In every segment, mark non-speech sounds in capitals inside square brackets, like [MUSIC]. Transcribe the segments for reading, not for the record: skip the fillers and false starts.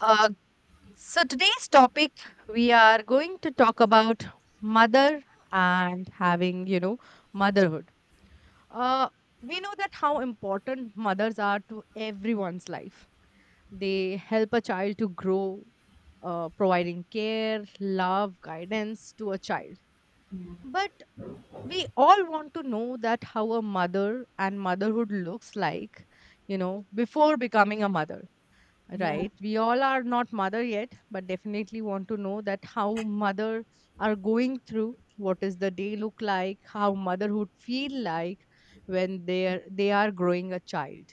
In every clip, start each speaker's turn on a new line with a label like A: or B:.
A: Uh, so today's topic we are going to talk about mother and having you know motherhood. Uh, we know that how important mothers are to everyone's life. They help a child to grow, providing care, love, guidance to a child.
B: Yeah,
A: But we all want to know that how a mother and motherhood looks like, you know, before becoming a mother.
B: yeah,
A: Right, we all are not mother yet, but definitely want to know that how mother are going through, what is the day look like, how motherhood feel like when they are growing a child,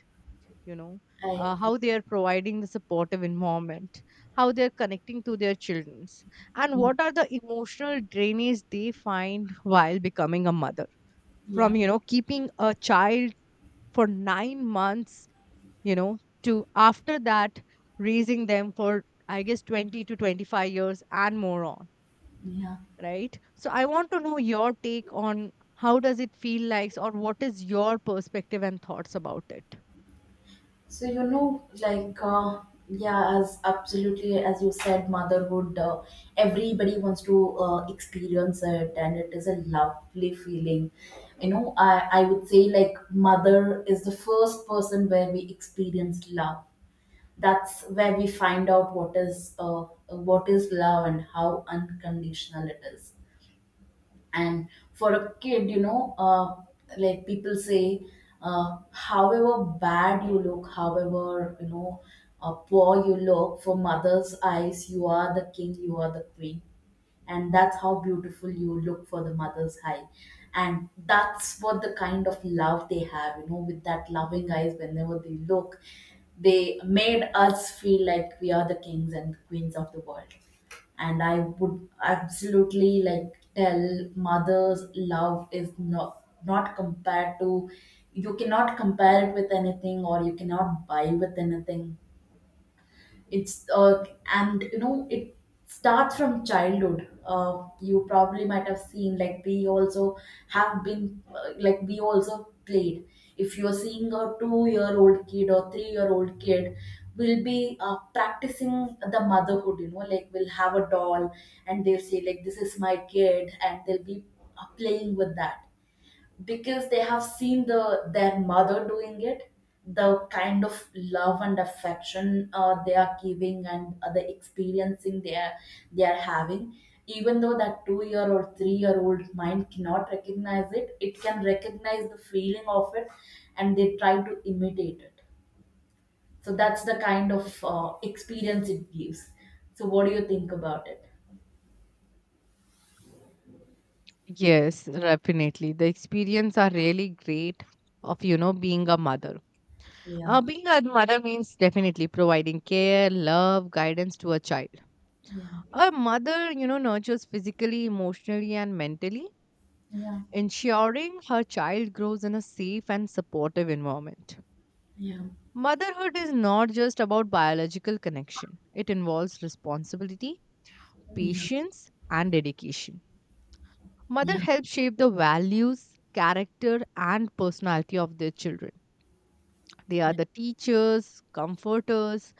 A: you know.
B: I
A: Uh,
B: agree.
A: how they are providing the supportive environment, how they are connecting to their childrens, and
B: Mm,
A: what are the emotional drainage they find while becoming a mother,
B: yeah,
A: from you know keeping a child for 9 months, you know, to after that raising them for I guess 20 to 25 years and more on.
B: yeah.
A: Right, so I want to know your take on how does it feel like, or what is your perspective and thoughts about it.
B: So, you know, like, yeah, as absolutely as you said, motherhood. Everybody wants to experience it, and it is a lovely feeling. You know, I would say, like, mother is the first person where we experience love. That's where we find out what is, what is love and how unconditional it is, and for a kid, you know, like people say, however bad you look, however, you know, poor you look, for mother's eyes you are the king, you are the queen, and that's how beautiful you look for the mother's eye. And that's what the kind of love they have, you know, with that loving eyes, whenever they look they made us feel like we are the kings and queens of the world. And I would absolutely, like, tell, mother's love is not compared to, you cannot compare it with anything, or you cannot buy with anything. It's, and you know it starts from childhood. You probably might have seen, like we also have been, like we also played. If you're seeing a 2-year old kid or 3-year old kid, will be practicing the motherhood, you know, like we'll have a doll and they'll say, like, this is my kid, and they'll be playing with that because they have seen the their mother doing it, the kind of love and affection they are giving, and the experiencing they are having. Even though that 2-year or 3-year old mind cannot recognize it, it can recognize the feeling of it, and they try to imitate it. So that's the kind of experience it gives. So what do you think about it?
A: Yes, definitely. The experience are really great of, you know, being a mother.
B: Yeah,
A: Being a mother means definitely providing care, love, guidance to a child.
B: yeah,
A: A mother, you know, nurtures physically, emotionally, and mentally,
B: yeah,
A: ensuring her child grows in a safe and supportive environment.
B: yeah,
A: Motherhood is not just about biological connection, it involves responsibility,
B: yeah,
A: patience, and dedication. Mother
B: yeah,
A: helps shape the values, character, and personality of their children. They are
B: yeah,
A: the teachers, comforters,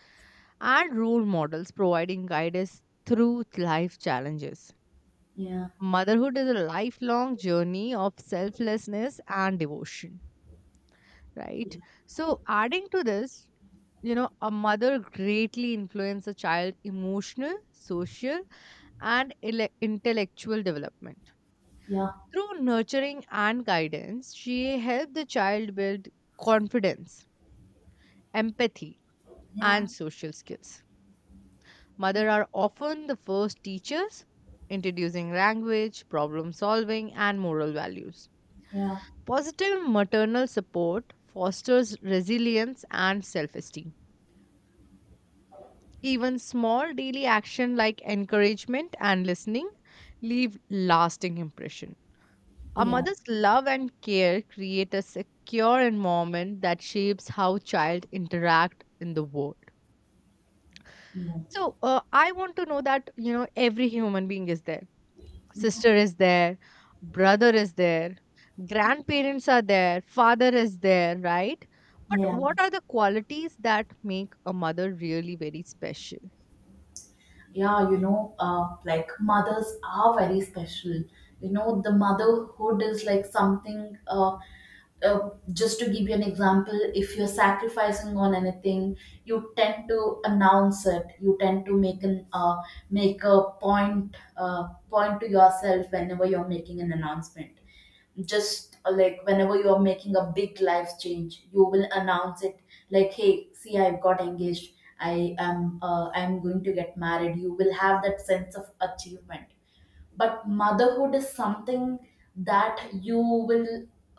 A: and role models, providing guidance through life challenges.
B: yeah,
A: Motherhood is a lifelong journey of selflessness and devotion, right? So, adding to this, you know, a mother greatly influences a child's emotional, social, and intellectual development.
B: yeah,
A: Through nurturing and guidance, she helped the child build confidence, empathy,
B: yeah,
A: and social skills.
B: yeah,
A: Mother are often the first teachers, introducing language, problem solving, and moral values.
B: yeah,
A: Positive maternal support fosters resilience and self esteem. Even small daily action like encouragement and listening leave lasting impression. A
B: yeah,
A: mother's love and care create a secure environment that shapes how child interact in the world.
B: yeah,
A: So I want to know that you know every human being is there,
B: yeah,
A: sister is there, brother is there, grandparents are there, father is there, right? But
B: yeah.
A: what are the qualities that make a mother really very special?
B: Yeah, you know, like mothers are very special. You know, the motherhood is like something. Just to give you an example, if you're sacrificing on anything, you tend to announce it. You tend to make a point, to yourself whenever you're making an announcement. Just, like whenever you are making a big life change you will announce it, like, hey see, I've got engaged, I am, I'm going to get married, you will have that sense of achievement. But motherhood is something that you will,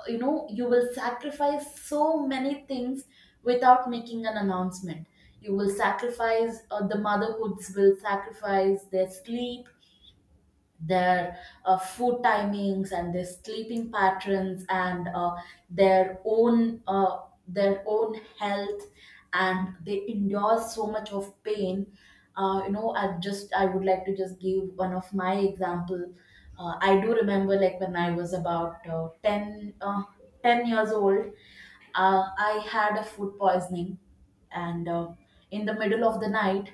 B: you know, you will sacrifice so many things without making an announcement. You will sacrifice, the motherhoods will sacrifice their sleep, their, food timings, and their sleeping patterns, and their own uh, their own health, and they endure so much of pain. You know, I would like to just give one of my example. I do remember, like, when I was about, 10 years old. I had a food poisoning, and, in the middle of the night,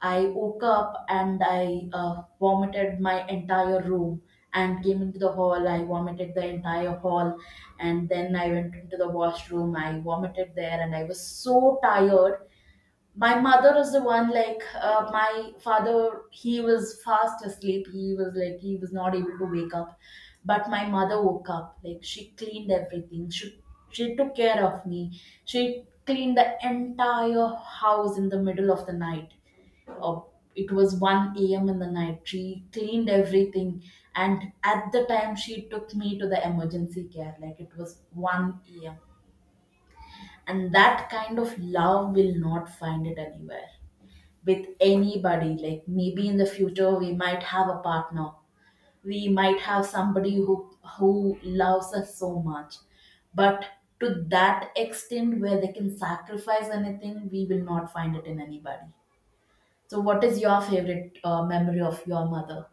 B: I woke up and I vomited my entire room and came into the hall. I vomited the entire hall, and then I went into the washroom. I vomited there, and I was so tired. My mother was the one, like, my father, he was fast asleep, he was not able to wake up. But my mother woke up, like, she cleaned everything, she took care of me. She cleaned the entire house in the middle of the night. uh, it was 1 a.m. in the night. She cleaned everything, and at the time, she took me to the emergency care. Like, it was 1 a.m. And that kind of love, will not find it anywhere with anybody. Like, maybe in the future we might have a partner. We might have somebody who loves us so much. But to that extent where they can sacrifice anything, we will not find it in anybody. So what is your favorite memory of your mother?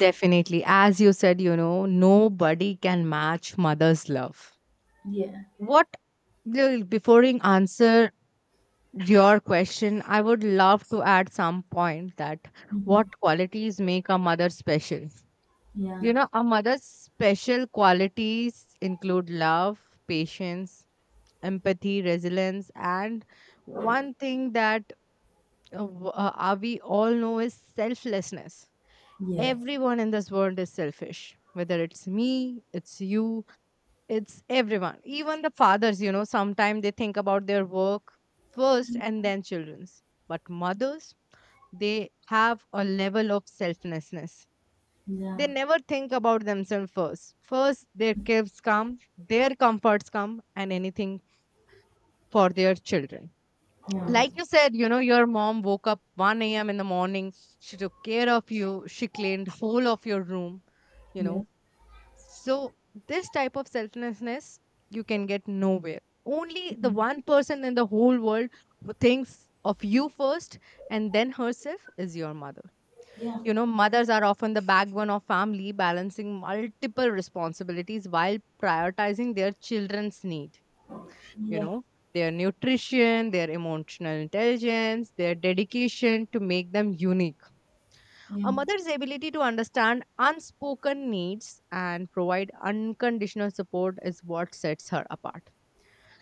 A: Definitely. As you said, you know, nobody can match mother's love.
B: Yeah.
A: What. Well, before I answer your question, I would love to add some point that what
B: Mhm.
A: qualities make a mother special.
B: Yeah.
A: You know, a mother's special qualities include love, patience, empathy, resilience, and one thing that we all know is selflessness.
B: Yes.
A: Everyone in this world is selfish, whether it's me, it's you, it's everyone. Even the fathers, you know, sometimes they think about their work first and then children's. But mothers, they have a level of selflessness. They
B: Yeah.
A: never think about themselves first. First, their kids come, their comforts come, and anything for their children.
B: Yeah.
A: Like you said, you know, your mom woke up 1 a.m. in the morning. She took care of you. She cleaned whole of your room, you
B: Yeah.
A: know. So, this type of selflessness you can get nowhere. Only
B: Yeah.
A: the one person in the whole world who thinks of you first and then herself is your mother.
B: Yeah. Yeah.
A: You know, mothers are often the backbone of family, balancing multiple responsibilities while prioritizing their children's need, you
B: Yeah.
A: know, their nutrition, their emotional intelligence, their dedication to make them unique. A
B: Yeah.
A: mother's ability to understand unspoken needs and provide unconditional support is what sets her apart.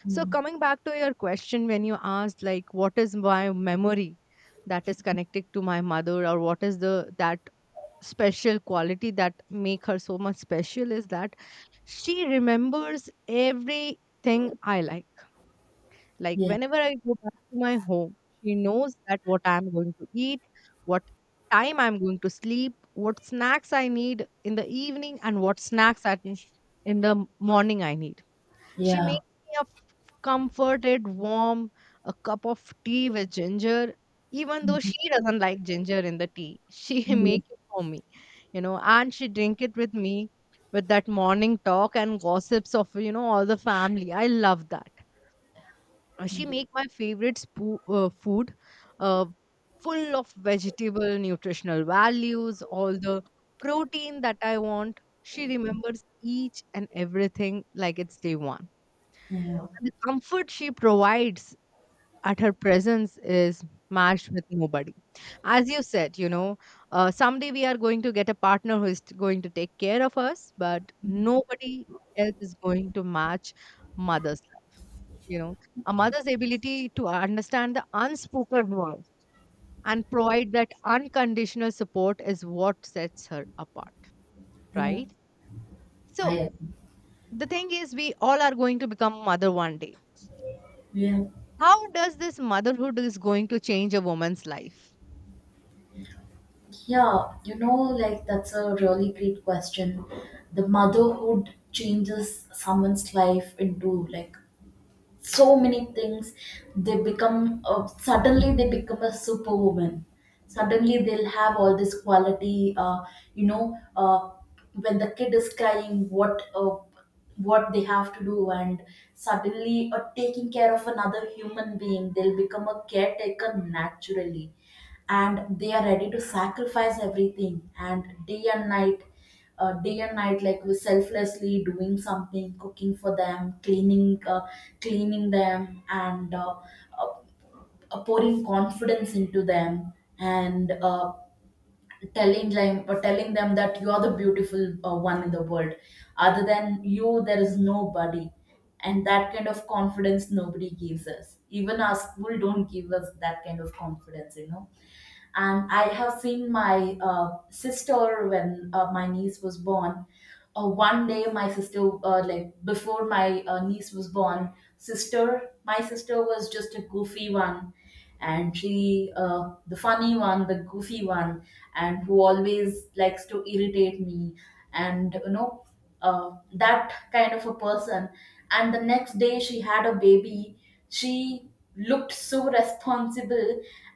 A: So, coming back to your question, when you asked, like, what is my memory that is connected to my mother, or what is the that special quality that make her so much special, is that she remembers everything I like. Like whenever I go back to my home, she knows that what I'm going to eat, what time I'm going to sleep, what snacks I need in the evening, and what snacks I need in the morning I need. She makes me a comforted, warm, a cup of tea with ginger. Even though she doesn't like ginger in the tea, she [LAUGHS]
B: Yeah. Yeah.
A: make it for me, you know, and she drink it with me with that morning talk and gossips of you know all the family. I love that. She make my favorite food, uh, full of vegetable nutritional values, all the protein that I want. She remembers each and everything like it's day one,
B: Yeah.
A: and the comfort she provides at her presence is matched with nobody. As you said, you know, someday we are going to get a partner who is going to take care of us, but nobody else is going to match mother's, you know, a mother's ability to understand the unspoken words and provide that unconditional support is what sets her apart,
B: Yeah.
A: right?
B: I
A: So
B: agree.
A: the thing is, we all are going to become mother one day.
B: Yeah,
A: How does this motherhood is going to change a woman's life?
B: yeah, you know, like, that's a really great question. The motherhood changes someone's life into, like, so many things. They become, suddenly they become a superwoman. Suddenly they'll have all this quality. You know, when the kid is crying, what they have to do, and suddenly, taking care of another human being, they'll become a caretaker naturally, and they are ready to sacrifice everything, and day and night, like we selflessly doing something, cooking for them, cleaning them and uh, pouring confidence into them, and telling them, or telling them that you are the beautiful, one in the world, other than you there is nobody. And that kind of confidence nobody gives us, even our school don't give us that kind of confidence, you know. And I have seen my, sister when, my niece was born. One day my sister, like before my, niece was born, sister my sister was just a goofy one, and she, the funny one, the goofy one, and who always likes to irritate me, and, you know, that kind of a person. And the next day she had a baby, she looked so responsible.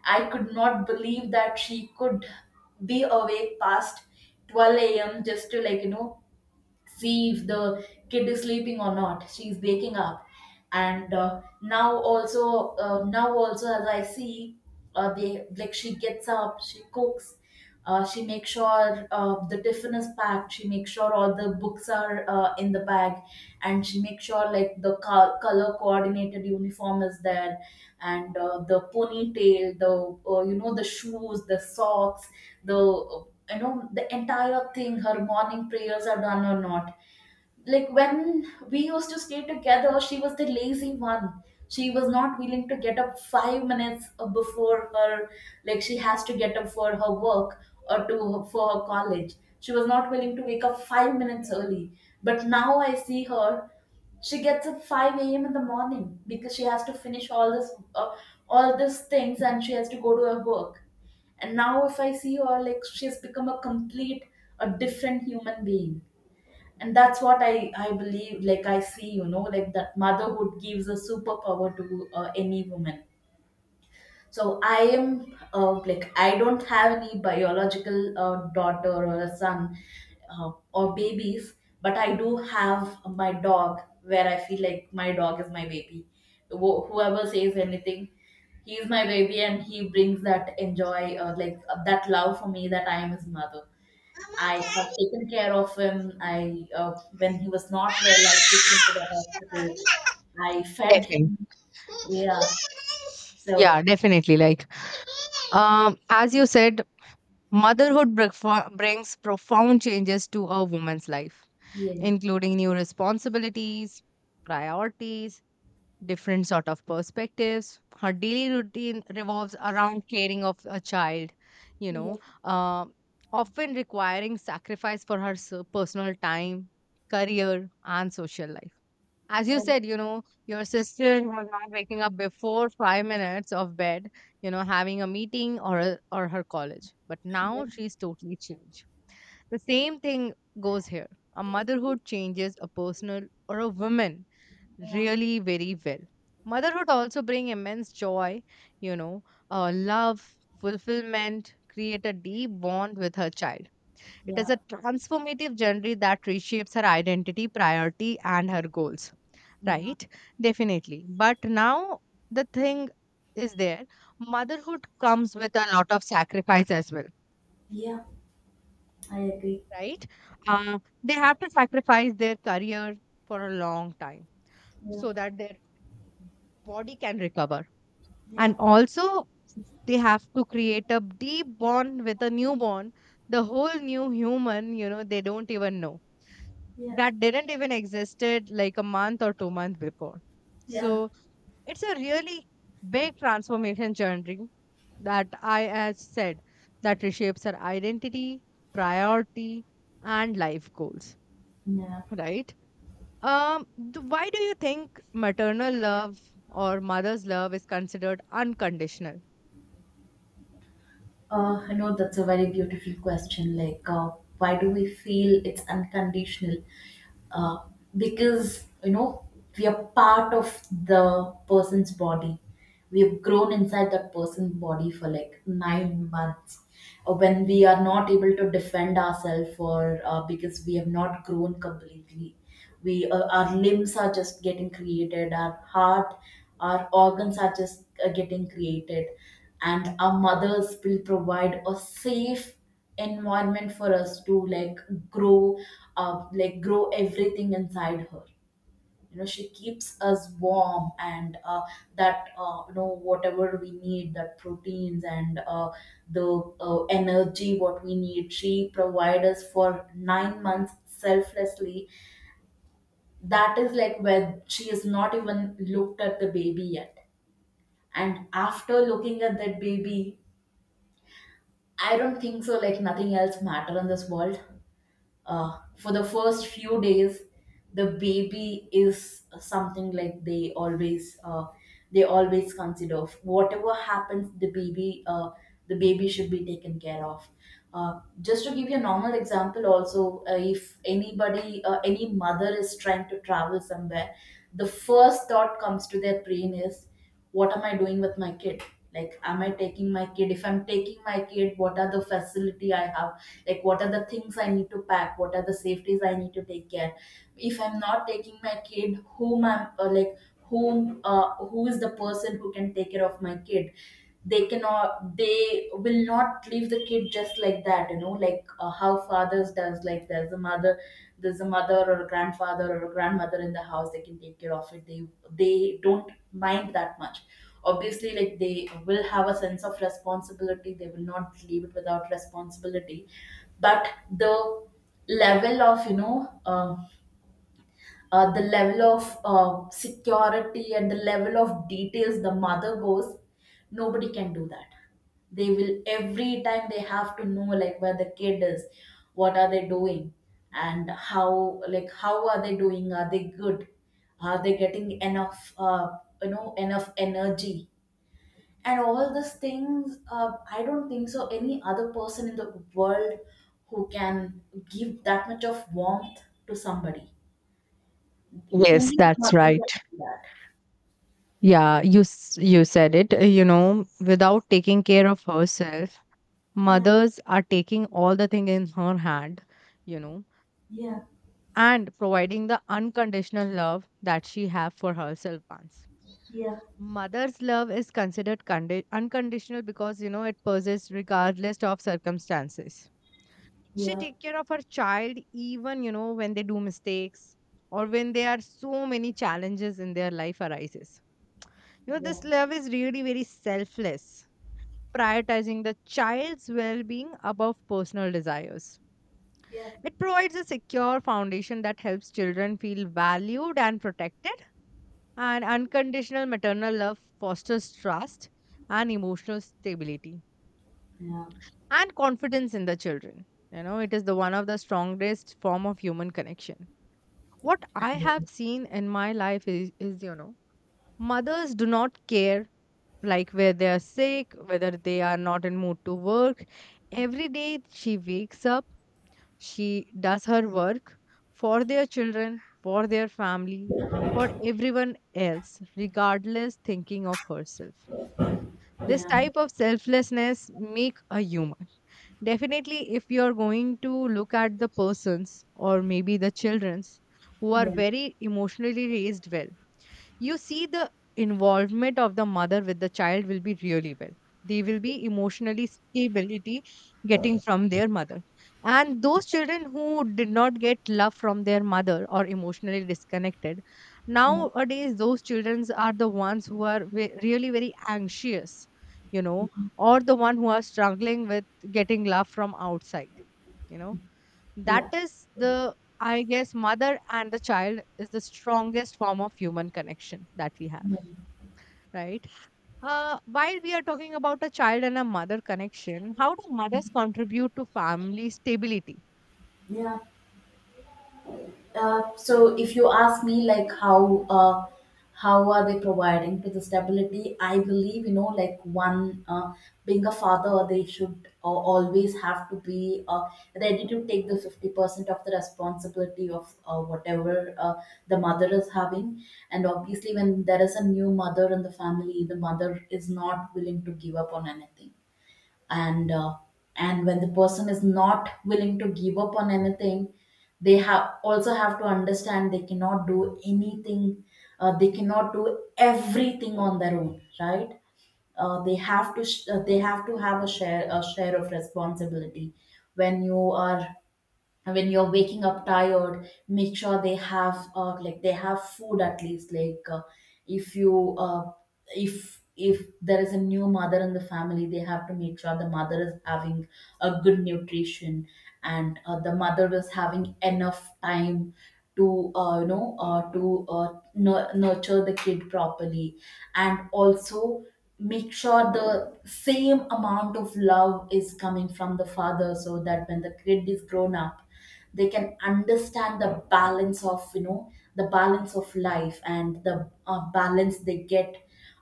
B: I could not believe that she could be awake past 12 a.m just to, like, you know, see if the kid is sleeping or not, she's waking up. And now also, as I see, they like she gets up, she cooks, she makes sure the tiffin is packed, she makes sure all the books are in the bag, and she makes sure, like, the color coordinated uniform is there, and the ponytail, the, you know, the shoes, the socks, the, you know, the entire thing, her morning prayers are done or not. Like, when we used to stay together she was the lazy one. She was not willing to get up 5 minutes before her, like, she has to get up for her work, or to for her college, she was not willing to wake up 5 minutes early. But now I see her, she gets up 5 a.m in the morning because she has to finish all this, uh, all these things, and she has to go to her work. And now if I see her, like, she has become a complete, a different human being. And that's what I believe. Like, I see, you know, like, that motherhood gives a superpower to any woman. So I am, like, I don't have any biological, daughter or a son, or babies, but I do have my dog, where I feel like my dog is my baby. Whoever says anything, he is my baby, and he brings that enjoy, like, that love for me that I am his mother. I have taken care of him. I, when he was not well, I took him to the hospital. I fed
A: Definitely.
B: him. Yeah. So
A: Yeah, definitely. Like, as you said, motherhood brings profound changes to a woman's life,
B: yeah,
A: including new responsibilities, priorities, different sort of perspectives. Her daily routine revolves around caring of a child, you
B: yeah,
A: know, uh, often requiring sacrifice for her personal time, career, and social life. As you
B: yeah,
A: said, you know, your sister was not waking up before 5 minutes of bed, you know, having a meeting or her college. But
B: yeah,
A: now she's totally changed, the same thing goes here. A motherhood changes a personal or a woman
B: yeah,
A: really very well. Motherhood also bring immense joy, you know, love, fulfillment, create a deep bond with her child. It is
B: yeah,
A: a transformative journey that reshapes her identity, priority, and her goals.
B: yeah.
A: Right? Definitely. But now the thing is there. Motherhood comes with a lot of sacrifice as well,
B: Yeah, I agree.
A: right? They have to sacrifice their career for a long time
B: Yeah,
A: so that their body can recover.
B: yeah,
A: And also, they have to create a deep bond with a newborn, the whole new human, you know, they don't even know.
B: yeah,
A: That didn't even existed like a month or 2 months before.
B: yeah,
A: So it's a really big transformation journey that I as said, that reshapes our identity, priority, and life goals,
B: yeah.
A: right? Um, why do you think maternal love or mother's love is considered unconditional?
B: I know that's a very beautiful question. Like, why do we feel it's unconditional? Uh, because, you know, we are part of the person's body. We've grown inside that person's body for like 9 months. Or when we are not able to defend ourselves, or because we have not grown completely, we, our limbs are just getting created, our heart, our organs are just getting created, and our mothers will provide a safe environment for us to like grow, like grow everything inside her. You know, she keeps us warm, and that you know, whatever we need, that proteins and the energy what we need, she provides us for 9 months selflessly. That is like where she has not even looked at the baby yet. And after looking at that baby, I don't think so, like nothing else matter in this world. For the first few days, the baby is something like they always consider, whatever happens, the baby should be taken care of. Just to give you a normal example also, if anybody any mother is trying to travel somewhere, the first thought comes to their brain is, what am I doing with my kid? Like, am I taking my kid? If I'm taking my kid, what are the facility I have? Like, what are the things I need to pack, what are the safeties I need to take care? If I'm not taking my kid, whom I'm like whom who is the person who can take care of my kid? They cannot, they will not leave the kid just like that, you know, like how fathers does. Like, there's a mother, there's a mother or a grandfather or a grandmother in the house, they can take care of it, they don't mind that much. Obviously, like, they will have a sense of responsibility, they will not leave it without responsibility. But the level of, you know, the level of security, and the level of details the mother goes, nobody can do that. They will, every time they have to know like where the kid is, what are they doing, and how, like how are they doing, are they good, are they getting enough you know, enough energy, and all these things. I don't think so any other person in the world who can give that much of warmth to somebody.
A: Yes,
B: Only the
A: that's
B: marble
A: right.
B: can do that.
A: Yeah, you you said it. You know, without taking care of herself,
B: Yeah,
A: mothers are taking all the thing in her hand, you know,
B: yeah,
A: and providing the unconditional love that she have for herself once.
B: yeah,
A: Mother's love is considered unconditional because you know it persists regardless of circumstances. She
B: yeah,
A: take care of her child even you know when they do mistakes, or when there are so many challenges in their life arises. You know,
B: yeah,
A: this love is really very selfless, prioritizing the child's well-being above personal desires.
B: yeah.
A: It provides a secure foundation that helps children feel valued and protected, and unconditional maternal love fosters trust and emotional stability
B: Yeah,
A: and confidence in the children. You know, it is the one of the strongest form of human connection. What I have
B: and,
A: seen in my life is you know, mothers do not care like where they are sick, whether they are not in mood to work. Every day she wakes up, she does her work for their children, for their family, for everyone else, regardless thinking of herself.
B: yeah,
A: This
B: yeah,
A: type of selflessness make a human. Definitely, if you're going to look at the persons or maybe the children's who are
B: yeah,
A: very emotionally raised well, you see the involvement of the mother with the child will be really well. They will be emotionally stability getting from their mother, and those children who did not get love from their mother or emotionally disconnected nowadays, those children are the ones who are really very anxious, you know, or the one who are struggling with getting love from outside, you know.
B: yeah,
A: That
B: yeah,
A: is the, I guess, mother and the child is the strongest form of human connection that we have,
B: yeah,
A: right? While we are talking about a child and a mother connection, how do mothers contribute to family stability?
B: yeah. So if you ask me like how are they providing to the stability, I believe, you know, like one, being a father, they should always have to be ready to take the 50% of the responsibility of whatever, the mother is having. And obviously, when there is a new mother in the family, the mother is not willing to give up on anything, and uh, and when the person is not willing to give up on anything, they have also have to understand they cannot do anything. They cannot do everything on their own, right? They have to they have to have a share of responsibility. When you are, and when you're waking up tired, make sure they have like they have food at least, like if you uh, if there is a new mother in the family, they have to make sure the mother is having a good nutrition, and the mother is having enough time to you know, to nurture the kid properly. And also make sure the same amount of love is coming from the father, so that when the kid is grown up, they can understand the balance of, you know, the balance of life, and the balance they get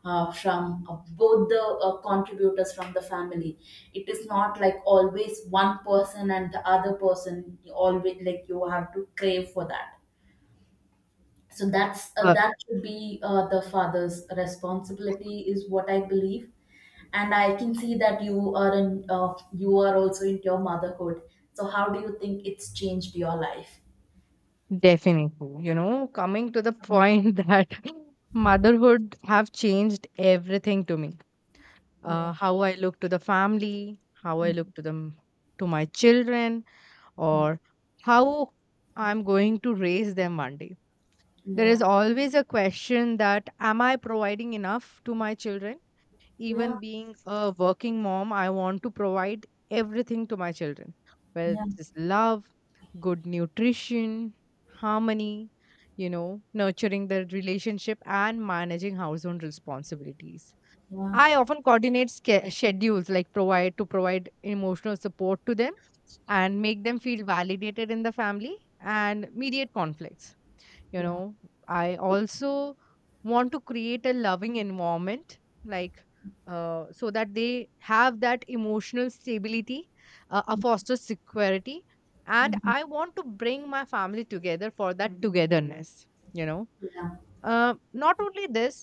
B: from both the contributors from the family. It is not like always one person and the other person, always like you have to crave for that. So that's
A: Uh,
B: that should be the father's responsibility is what I believe. And I can see that you are in, you are also into your motherhood, so how do you think it's changed your life?
A: definitely. You know, coming to the point [LAUGHS] that motherhood have changed everything to me.
B: Yeah.
A: How I look to the family, how I look to them, to my children,
B: Mhm.
A: or how I'm going to raise them one day. There is
B: Yeah,
A: always a question that am I providing enough to my children?
B: yeah,
A: Even being a working mom, I want to provide everything to my children, whether it
B: yeah,
A: is love, good nutrition, harmony, you know, nurturing their relationship and managing household responsibilities.
B: yeah,
A: I often coordinate schedules like provide emotional support to them and make them feel validated in the family and mediate conflicts. you
B: yeah.
A: know I also want to create a loving environment, like so that they have that emotional stability, a foster security, and
B: Mhm.
A: I want to bring my family together for that togetherness. you know
B: Yeah,
A: Not only this,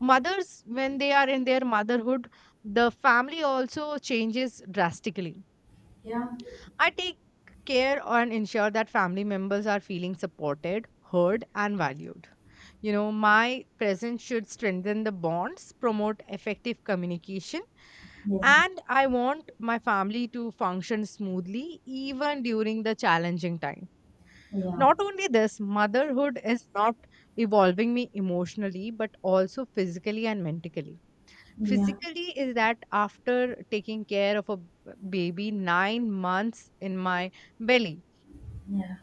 A: mothers when they are in their motherhood, the family also changes drastically.
B: yeah.
A: I take care and ensure that family members are feeling supported, heard, and valued. You know, my presence should strengthen the bonds, promote effective communication,
B: Yeah.
A: and I want my family to function smoothly even during the challenging time.
B: Yeah.
A: Not only this, motherhood is not evolving me emotionally, but also physically and mentally.
B: Yeah.
A: Physically is that after taking care of a baby 9 months in my belly,
B: Yeah.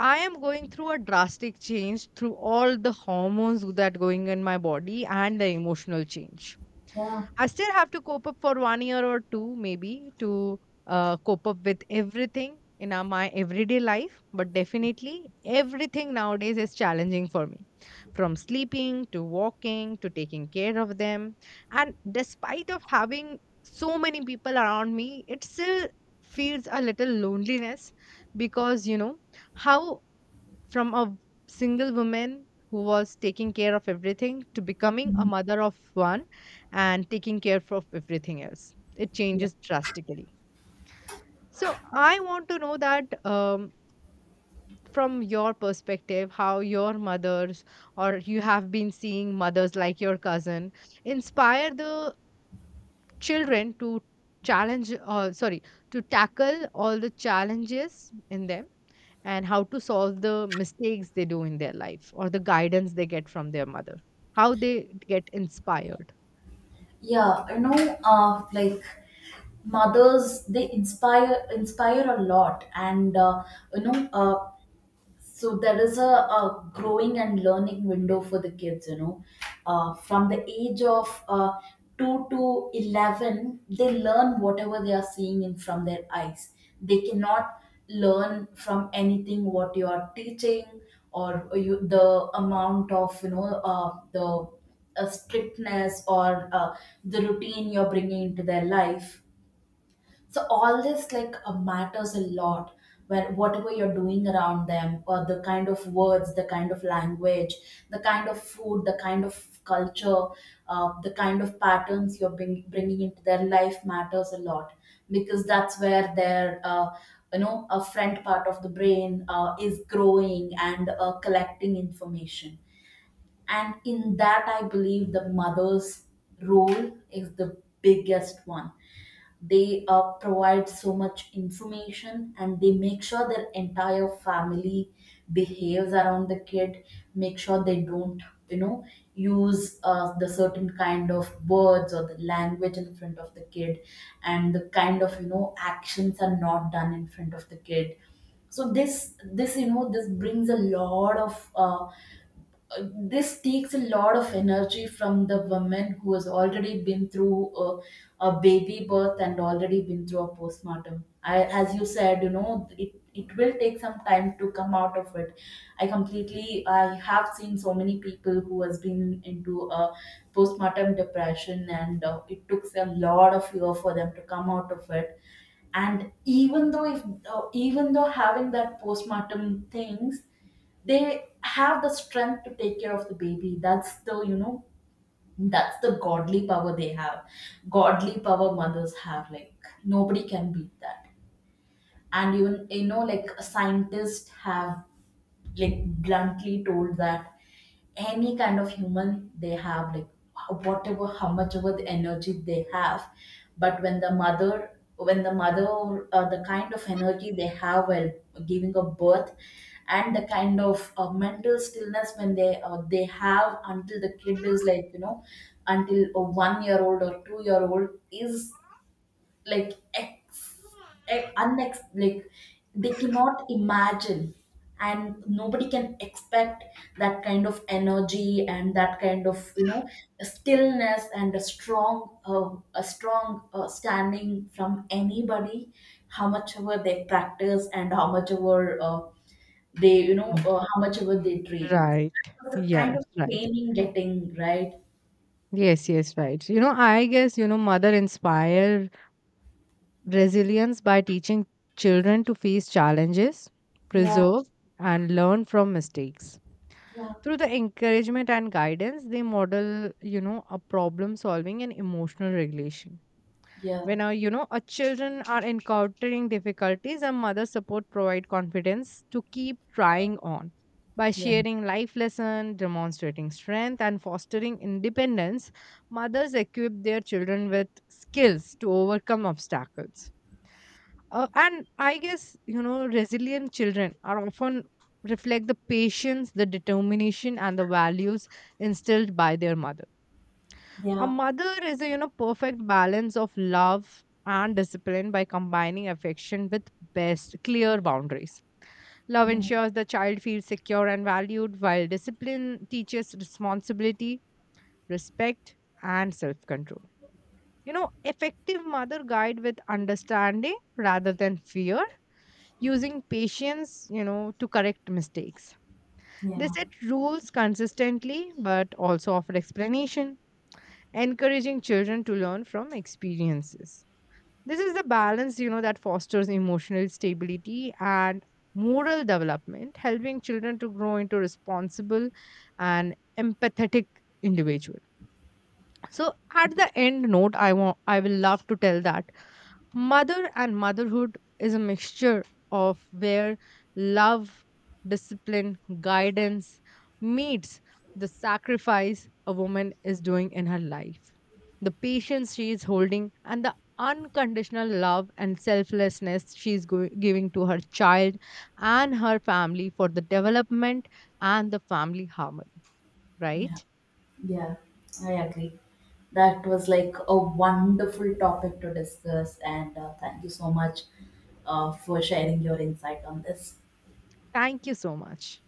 A: I am going through a drastic change through all the hormones that going in my body and the emotional change.
B: Yeah.
A: I still have to cope up for one year or two, maybe, to cope up with everything in my everyday life. But definitely, everything nowadays is challenging for me, from sleeping to walking to taking care of them. And despite of having so many people around me, it still feels a little loneliness, because you know how, from a single woman who was taking care of everything to becoming a mother of one and taking care of everything else, it
B: Yeah.
A: changes drastically. So I want to know that, from your perspective, how your mothers or you have been seeing mothers like your cousin inspire the children to challenge sorry to tackle all the challenges in them, and how to solve the mistakes they do in their life, or the guidance they get from their mother, how they get inspired.
B: Yeah, you know, like mothers, they inspire a lot, and you know, so there is a growing and learning window for the kids, you know, from the age of 2 to 11, they learn whatever they are seeing in from their eyes. They cannot learn from anything what you are teaching. Or you, the amount of, you know, the strictness, or the routine you're bringing into their life, so all this, like, matters a lot. Where whatever you're doing around them, or the kind of words, the kind of language, the kind of food, the kind of culture, the kind of patterns you're bringing into their life matters a lot. Because that's where their you know, a front part of the brain is growing and collecting information. And in that, I believe the mother's role is the biggest one. They provide so much information, and they make sure their entire family behaves around the kid, make sure they don't, you know, use the certain kind of words or the language in front of the kid, and the kind of, you know, actions are not done in front of the kid. So this you know, this brings a lot of this takes a lot of energy from the woman who has already been through a baby birth, and already been through a postpartum. I, as you said, you know, it will take some time to come out of it. I completely, I have seen so many people who has been into a postpartum depression, and it took a lot of year for them to come out of it. And even though if even though having that postpartum things, they have the strength to take care of the baby. That's the, you know, that's the godly power they have. Godly power mothers have, like nobody can beat that. And even, you know, like scientists have like bluntly told that any kind of human they have, like whatever how much of the energy they have, but when the mother, when the mother, the kind of energy they have while giving a birth, and the kind of mental stillness when they have until the kid is like, you know, until a 1 year old or 2 year old, is like ex, ex unex like they cannot imagine, and nobody can expect that kind of energy, and that kind of, you know, stillness, and a strong standing from anybody, how much ever they practice, and how much ever they, you know,
A: Mm.
B: how much ever they train. So
A: Right.
B: that's the kind
A: Yes,
B: of
A: right.
B: training getting right.
A: Yes, yes, right. You know, I guess, you know, mother inspire resilience by teaching children to face challenges,
B: Yeah,
A: preserve, and learn from mistakes.
B: yeah,
A: Through the encouragement and guidance, they model, you know, a problem solving and emotional regulation.
B: yeah,
A: When you know, our children are encountering difficulties, a mother support provide confidence to keep trying on, by
B: yeah,
A: sharing life lesson, demonstrating strength, and fostering independence. Mothers equip their children with skills to overcome obstacles, and I guess, you know, resilient children are often reflect the patience, the determination, and the values instilled by their mother. A
B: yeah,
A: mother is a, you know, perfect balance of love and discipline, by combining affection with best clear boundaries. Love ensures the child feels secure and valued, while discipline teaches responsibility, respect, and self-control. You know, effective mother guide with understanding rather than fear, using patience, you know, to correct mistakes. They
B: yeah,
A: set rules consistently but also offer explanation, encouraging children to learn from experiences. This is the balance, you know, that fosters emotional stability and moral development, helping children to grow into responsible and empathetic individuals. So at the end note, I will love to tell that mother and motherhood is a mixture of where love, discipline, guidance meets the sacrifice a woman is doing in her life, the patience she is holding, and the unconditional love and selflessness she is giving to her child and her family for the development and the family harmony.
B: yeah.
A: Right?
B: Yeah, I agree. That was like a wonderful topic to discuss, and thank you so much for sharing your insight on this.
A: Thank you so much.